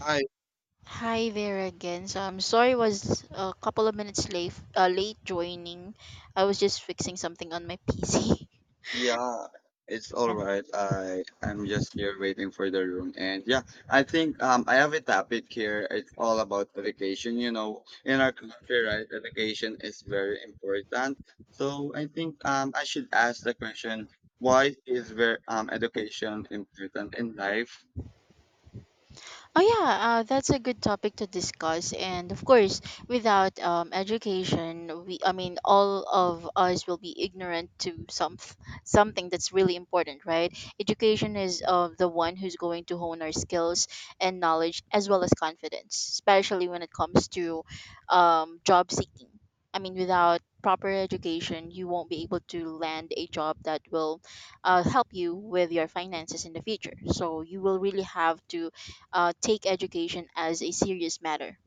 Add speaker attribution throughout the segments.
Speaker 1: Hi,
Speaker 2: Hi there again. So I'm sorry I was a couple of minutes late joining. I was just fixing something on my PC.
Speaker 1: yeah, it's all right. I'm just here waiting for the room, and yeah, I think I have a topic here. It's all about education. You know, in our country, right, education is very important. So I think I should ask the question: Why is ver education important in life?
Speaker 2: Oh yeah, that's a good topic to discuss. And of course, without education, we I mean, all of us will be ignorant to something that's really important, right? Education is the one who's going to hone our skills and knowledge as well as confidence, especially when it comes to job seeking. I mean, without proper education, you won't be able to land a job that will help you with your finances in the future. So you will really have to take education as a serious matter.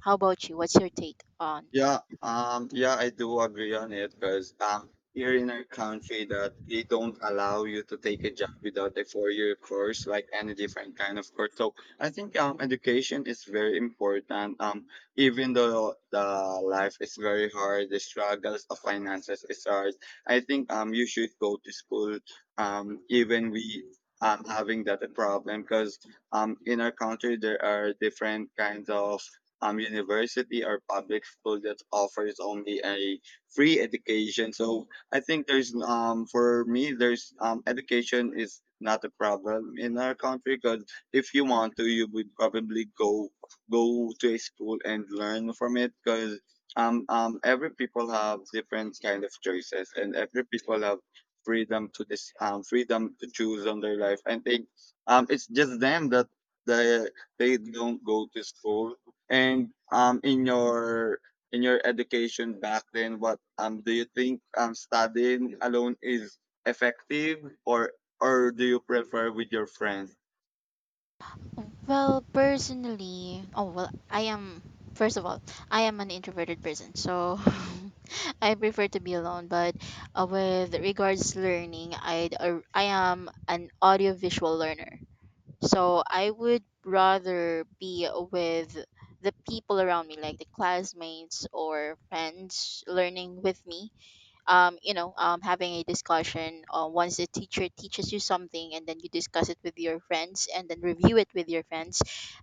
Speaker 2: How about you? What's your take on
Speaker 1: Yeah,
Speaker 2: it?
Speaker 1: yeah, I do agree on it because here in our country that they don't allow you to take a job without a four-year course, like any different kind of course. So I think education is very important. Even though the life is very hard, the struggles of finances is hard. I think you should go to school. Even we having that a problem because in our country there are different kinds of university or public school that offers only a free education. So I think there's for me there's education is not a problem in our country because if you want to you would probably go to a school and learn from it because every people have different kind of choices and every people have freedom to this freedom to choose on their life. I think it's just them that they they don't go to school and in your education back then, what do you think studying alone is effective or do you prefer with your friends?
Speaker 2: Well, personally, oh, well, first of all, I am an introverted person, so I prefer to be alone. But with regards to learning, I am an audiovisual learner. So I would rather be with the people around me, like the classmates or friends learning with me having a discussion once the teacher teaches you something and then you discuss it with your friends and then review it with your friends.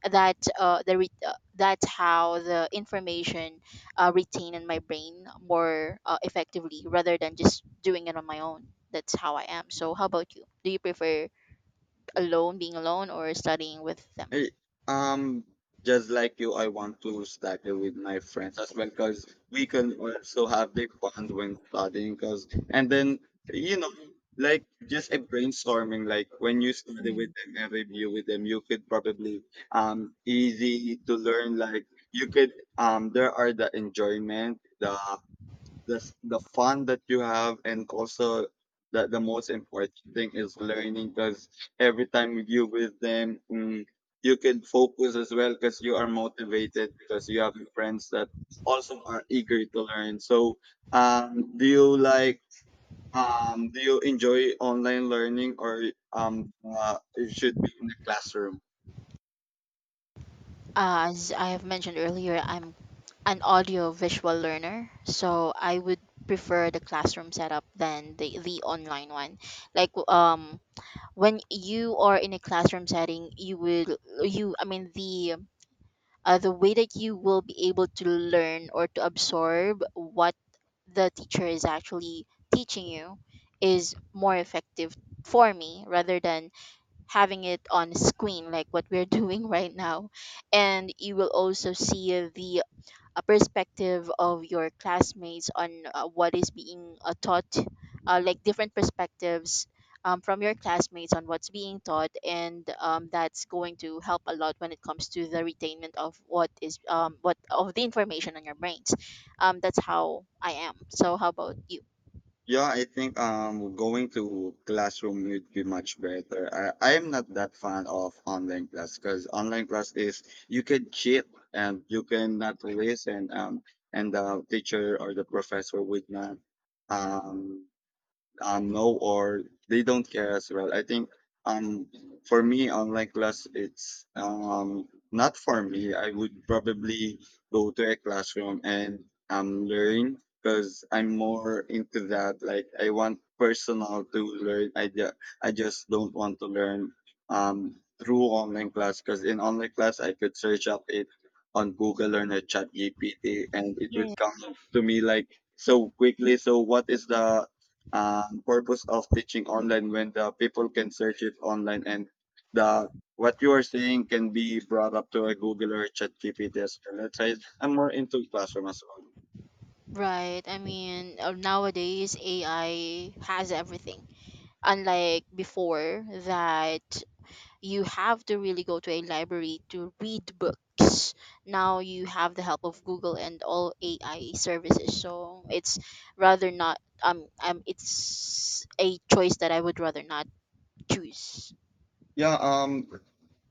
Speaker 2: That's how the information retain in my brain more effectively rather than just doing it on my own. That's how I am. So how about you? Do you prefer alone, being alone, or studying with them?
Speaker 1: Hey, um, just like you, I want to study with my friends as well because we can also have big fun when studying. Because and then you know, like just a brainstorming. Like when you study with
Speaker 2: Mm.
Speaker 1: them and review with them, you could probably easy to learn. Like you could there are the enjoyment, the the fun that you have and also that the most important thing is learning because every time you with them you can focus as well because you are motivated because you have friends that also are eager to learn so do you like do you enjoy online learning or it should be in the classroom?
Speaker 2: As I have mentioned earlier, I'm an audio visual learner, so I would prefer the classroom setup than the online one, like when you are in a classroom setting, you will you I mean the way that you will be able to learn or to absorb what the teacher is actually teaching you is more effective for me rather than having it on screen like what we're doing right now. And you will also see the a perspective of your classmates on what is being taught, like different perspectives from your classmates on what's being taught, and that's going to help a lot when it comes to the retainment of what of the information on your brains. That's how I am. So how about you?
Speaker 1: Yeah, I think going to classroom would be much better. I am not that fan of online class because online class is you can cheat and you can not listen, and the teacher or the professor would not um know, or they don't care as well, I think. um for me, online class, it's not for me. I would probably go to a classroom and learn because I'm more into that. Like, I want personal to learn. I just don't want to learn um through online class because in online class I could search up it on Google or the chat gpt and it
Speaker 2: Yeah.
Speaker 1: would come to me like so quickly. So what is the purpose of teaching online when the people can search it online, and the what you are saying can be brought up to a Google or ChatGPT as well? That's why I'm more into classroom as well.
Speaker 2: Right. I mean, nowadays AI has everything. Unlike before, that you have to really go to a library to read books. Now you have the help of Google and all AI services, so it's rather not it's a choice that I would rather not choose.
Speaker 1: Yeah,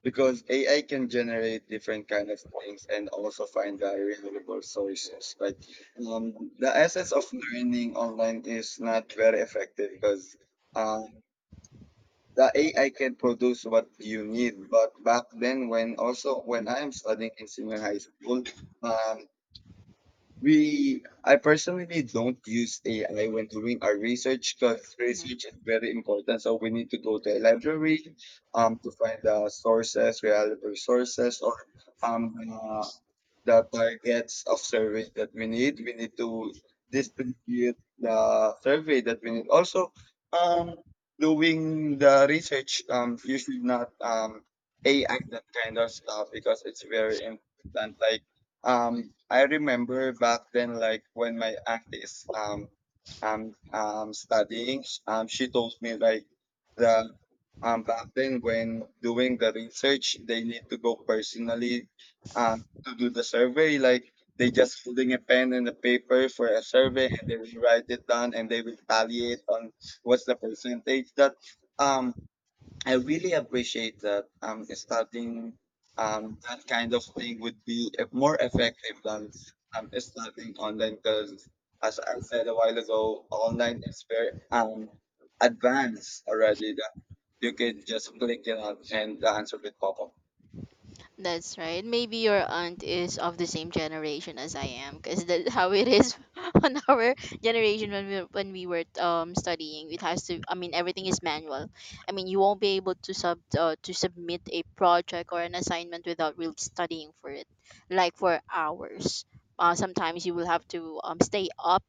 Speaker 1: because AI can generate different kind of things and also find the reliable sources. But the essence of learning online is not very effective because the AI can produce what you need. But back then, when also when I am studying in senior high school, um, we I personally don't use AI when doing our research because research is very important. So we need to go to a library, to find the sources, reliable sources, or um, uh, the targets of surveys that we need. We need to distribute the survey that we need. Also, um, doing the research, you should not AI that kind of stuff because it's very important. Like, I remember back then, like when my aunt is studying, she told me like the back then when doing the research, they need to go personally um, to do the survey. Like, they just holding a pen and a paper for a survey, and they will write it down, and they will tally it on what's the percentage. That um, I really appreciate that. Starting that kind of thing would be more effective than starting online because. As I said a while ago, online is very advanced already. That you can just click it out and the answer will pop up.
Speaker 2: That's right. Maybe your aunt is of the same generation as I am, because that's how it is on our generation when we were studying. It has to. I mean, everything is manual. I mean, you won't be able to sub to submit a project or an assignment without really studying for it, like for hours. Sometimes you will have to stay up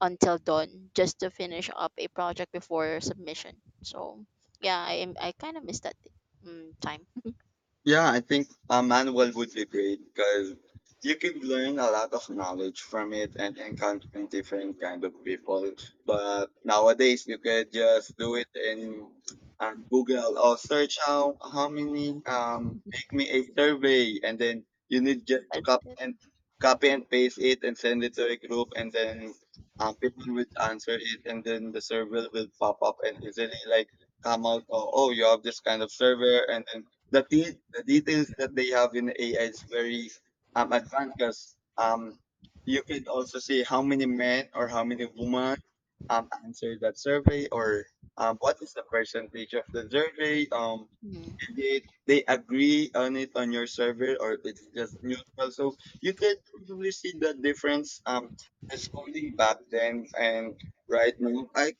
Speaker 2: until dawn just to finish up a project before submission. So yeah, I kind of miss that time.
Speaker 1: Yeah, I think a manual would be great because you could learn a lot of knowledge from it and encountering different kind of people. But nowadays, you could just do it in Google or search how many make me a survey, and then you need just to
Speaker 2: But,
Speaker 1: copy and copy and paste it and send it to a group, and then people will answer it, and then the survey will pop up and easily like come out. Oh, oh, you have this kind of server, and then the details that they have in AI is very advanced because you could also see how many men or how many women answered that survey or what is the percentage of the survey.
Speaker 2: mm.
Speaker 1: Did they agree on it on your survey or it's just neutral? So you could probably see the difference as back then and right now. I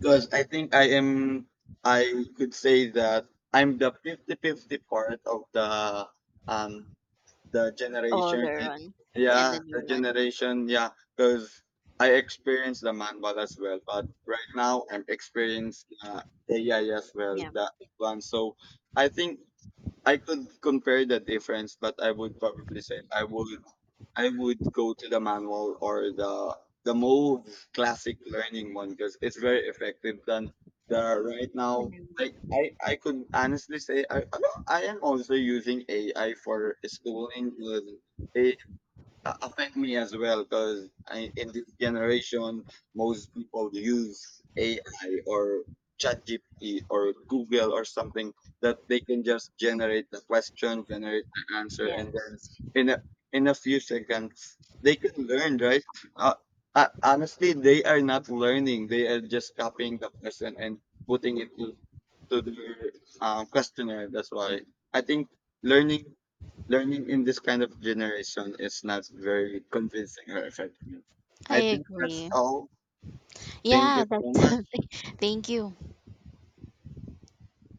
Speaker 1: Because I think I could say that I'm the 50-50 part of um the generation,
Speaker 2: Older
Speaker 1: right?
Speaker 2: one and
Speaker 1: Yeah,
Speaker 2: the new
Speaker 1: the
Speaker 2: one.
Speaker 1: generation. Yeah, because I experienced the manual as well, but right now I'm experiencing AI as well,
Speaker 2: Yeah,
Speaker 1: the advanced. So I think I could compare the difference, but I would probably say I would go to the manual or the more classic learning one because it's very effective than the right
Speaker 2: the
Speaker 1: now.
Speaker 2: new
Speaker 1: Like,
Speaker 2: one.
Speaker 1: I could honestly say I am also using AI for schooling with affect me as well because in this generation most people use AI or ChatGPT or Google or something that they can just generate the question generate the answer
Speaker 2: Yeah,
Speaker 1: and then in a, in a few seconds they can learn, right? uh, Honestly, they are not learning, they are just copying the person and putting it to the questionnaire. That's why I think learning learning in this kind of generation is not very convincing or effective.
Speaker 2: I
Speaker 1: I think that's
Speaker 2: agree.
Speaker 1: all. Thank you
Speaker 2: Yeah,
Speaker 1: so
Speaker 2: that's.
Speaker 1: much.
Speaker 2: Thank you.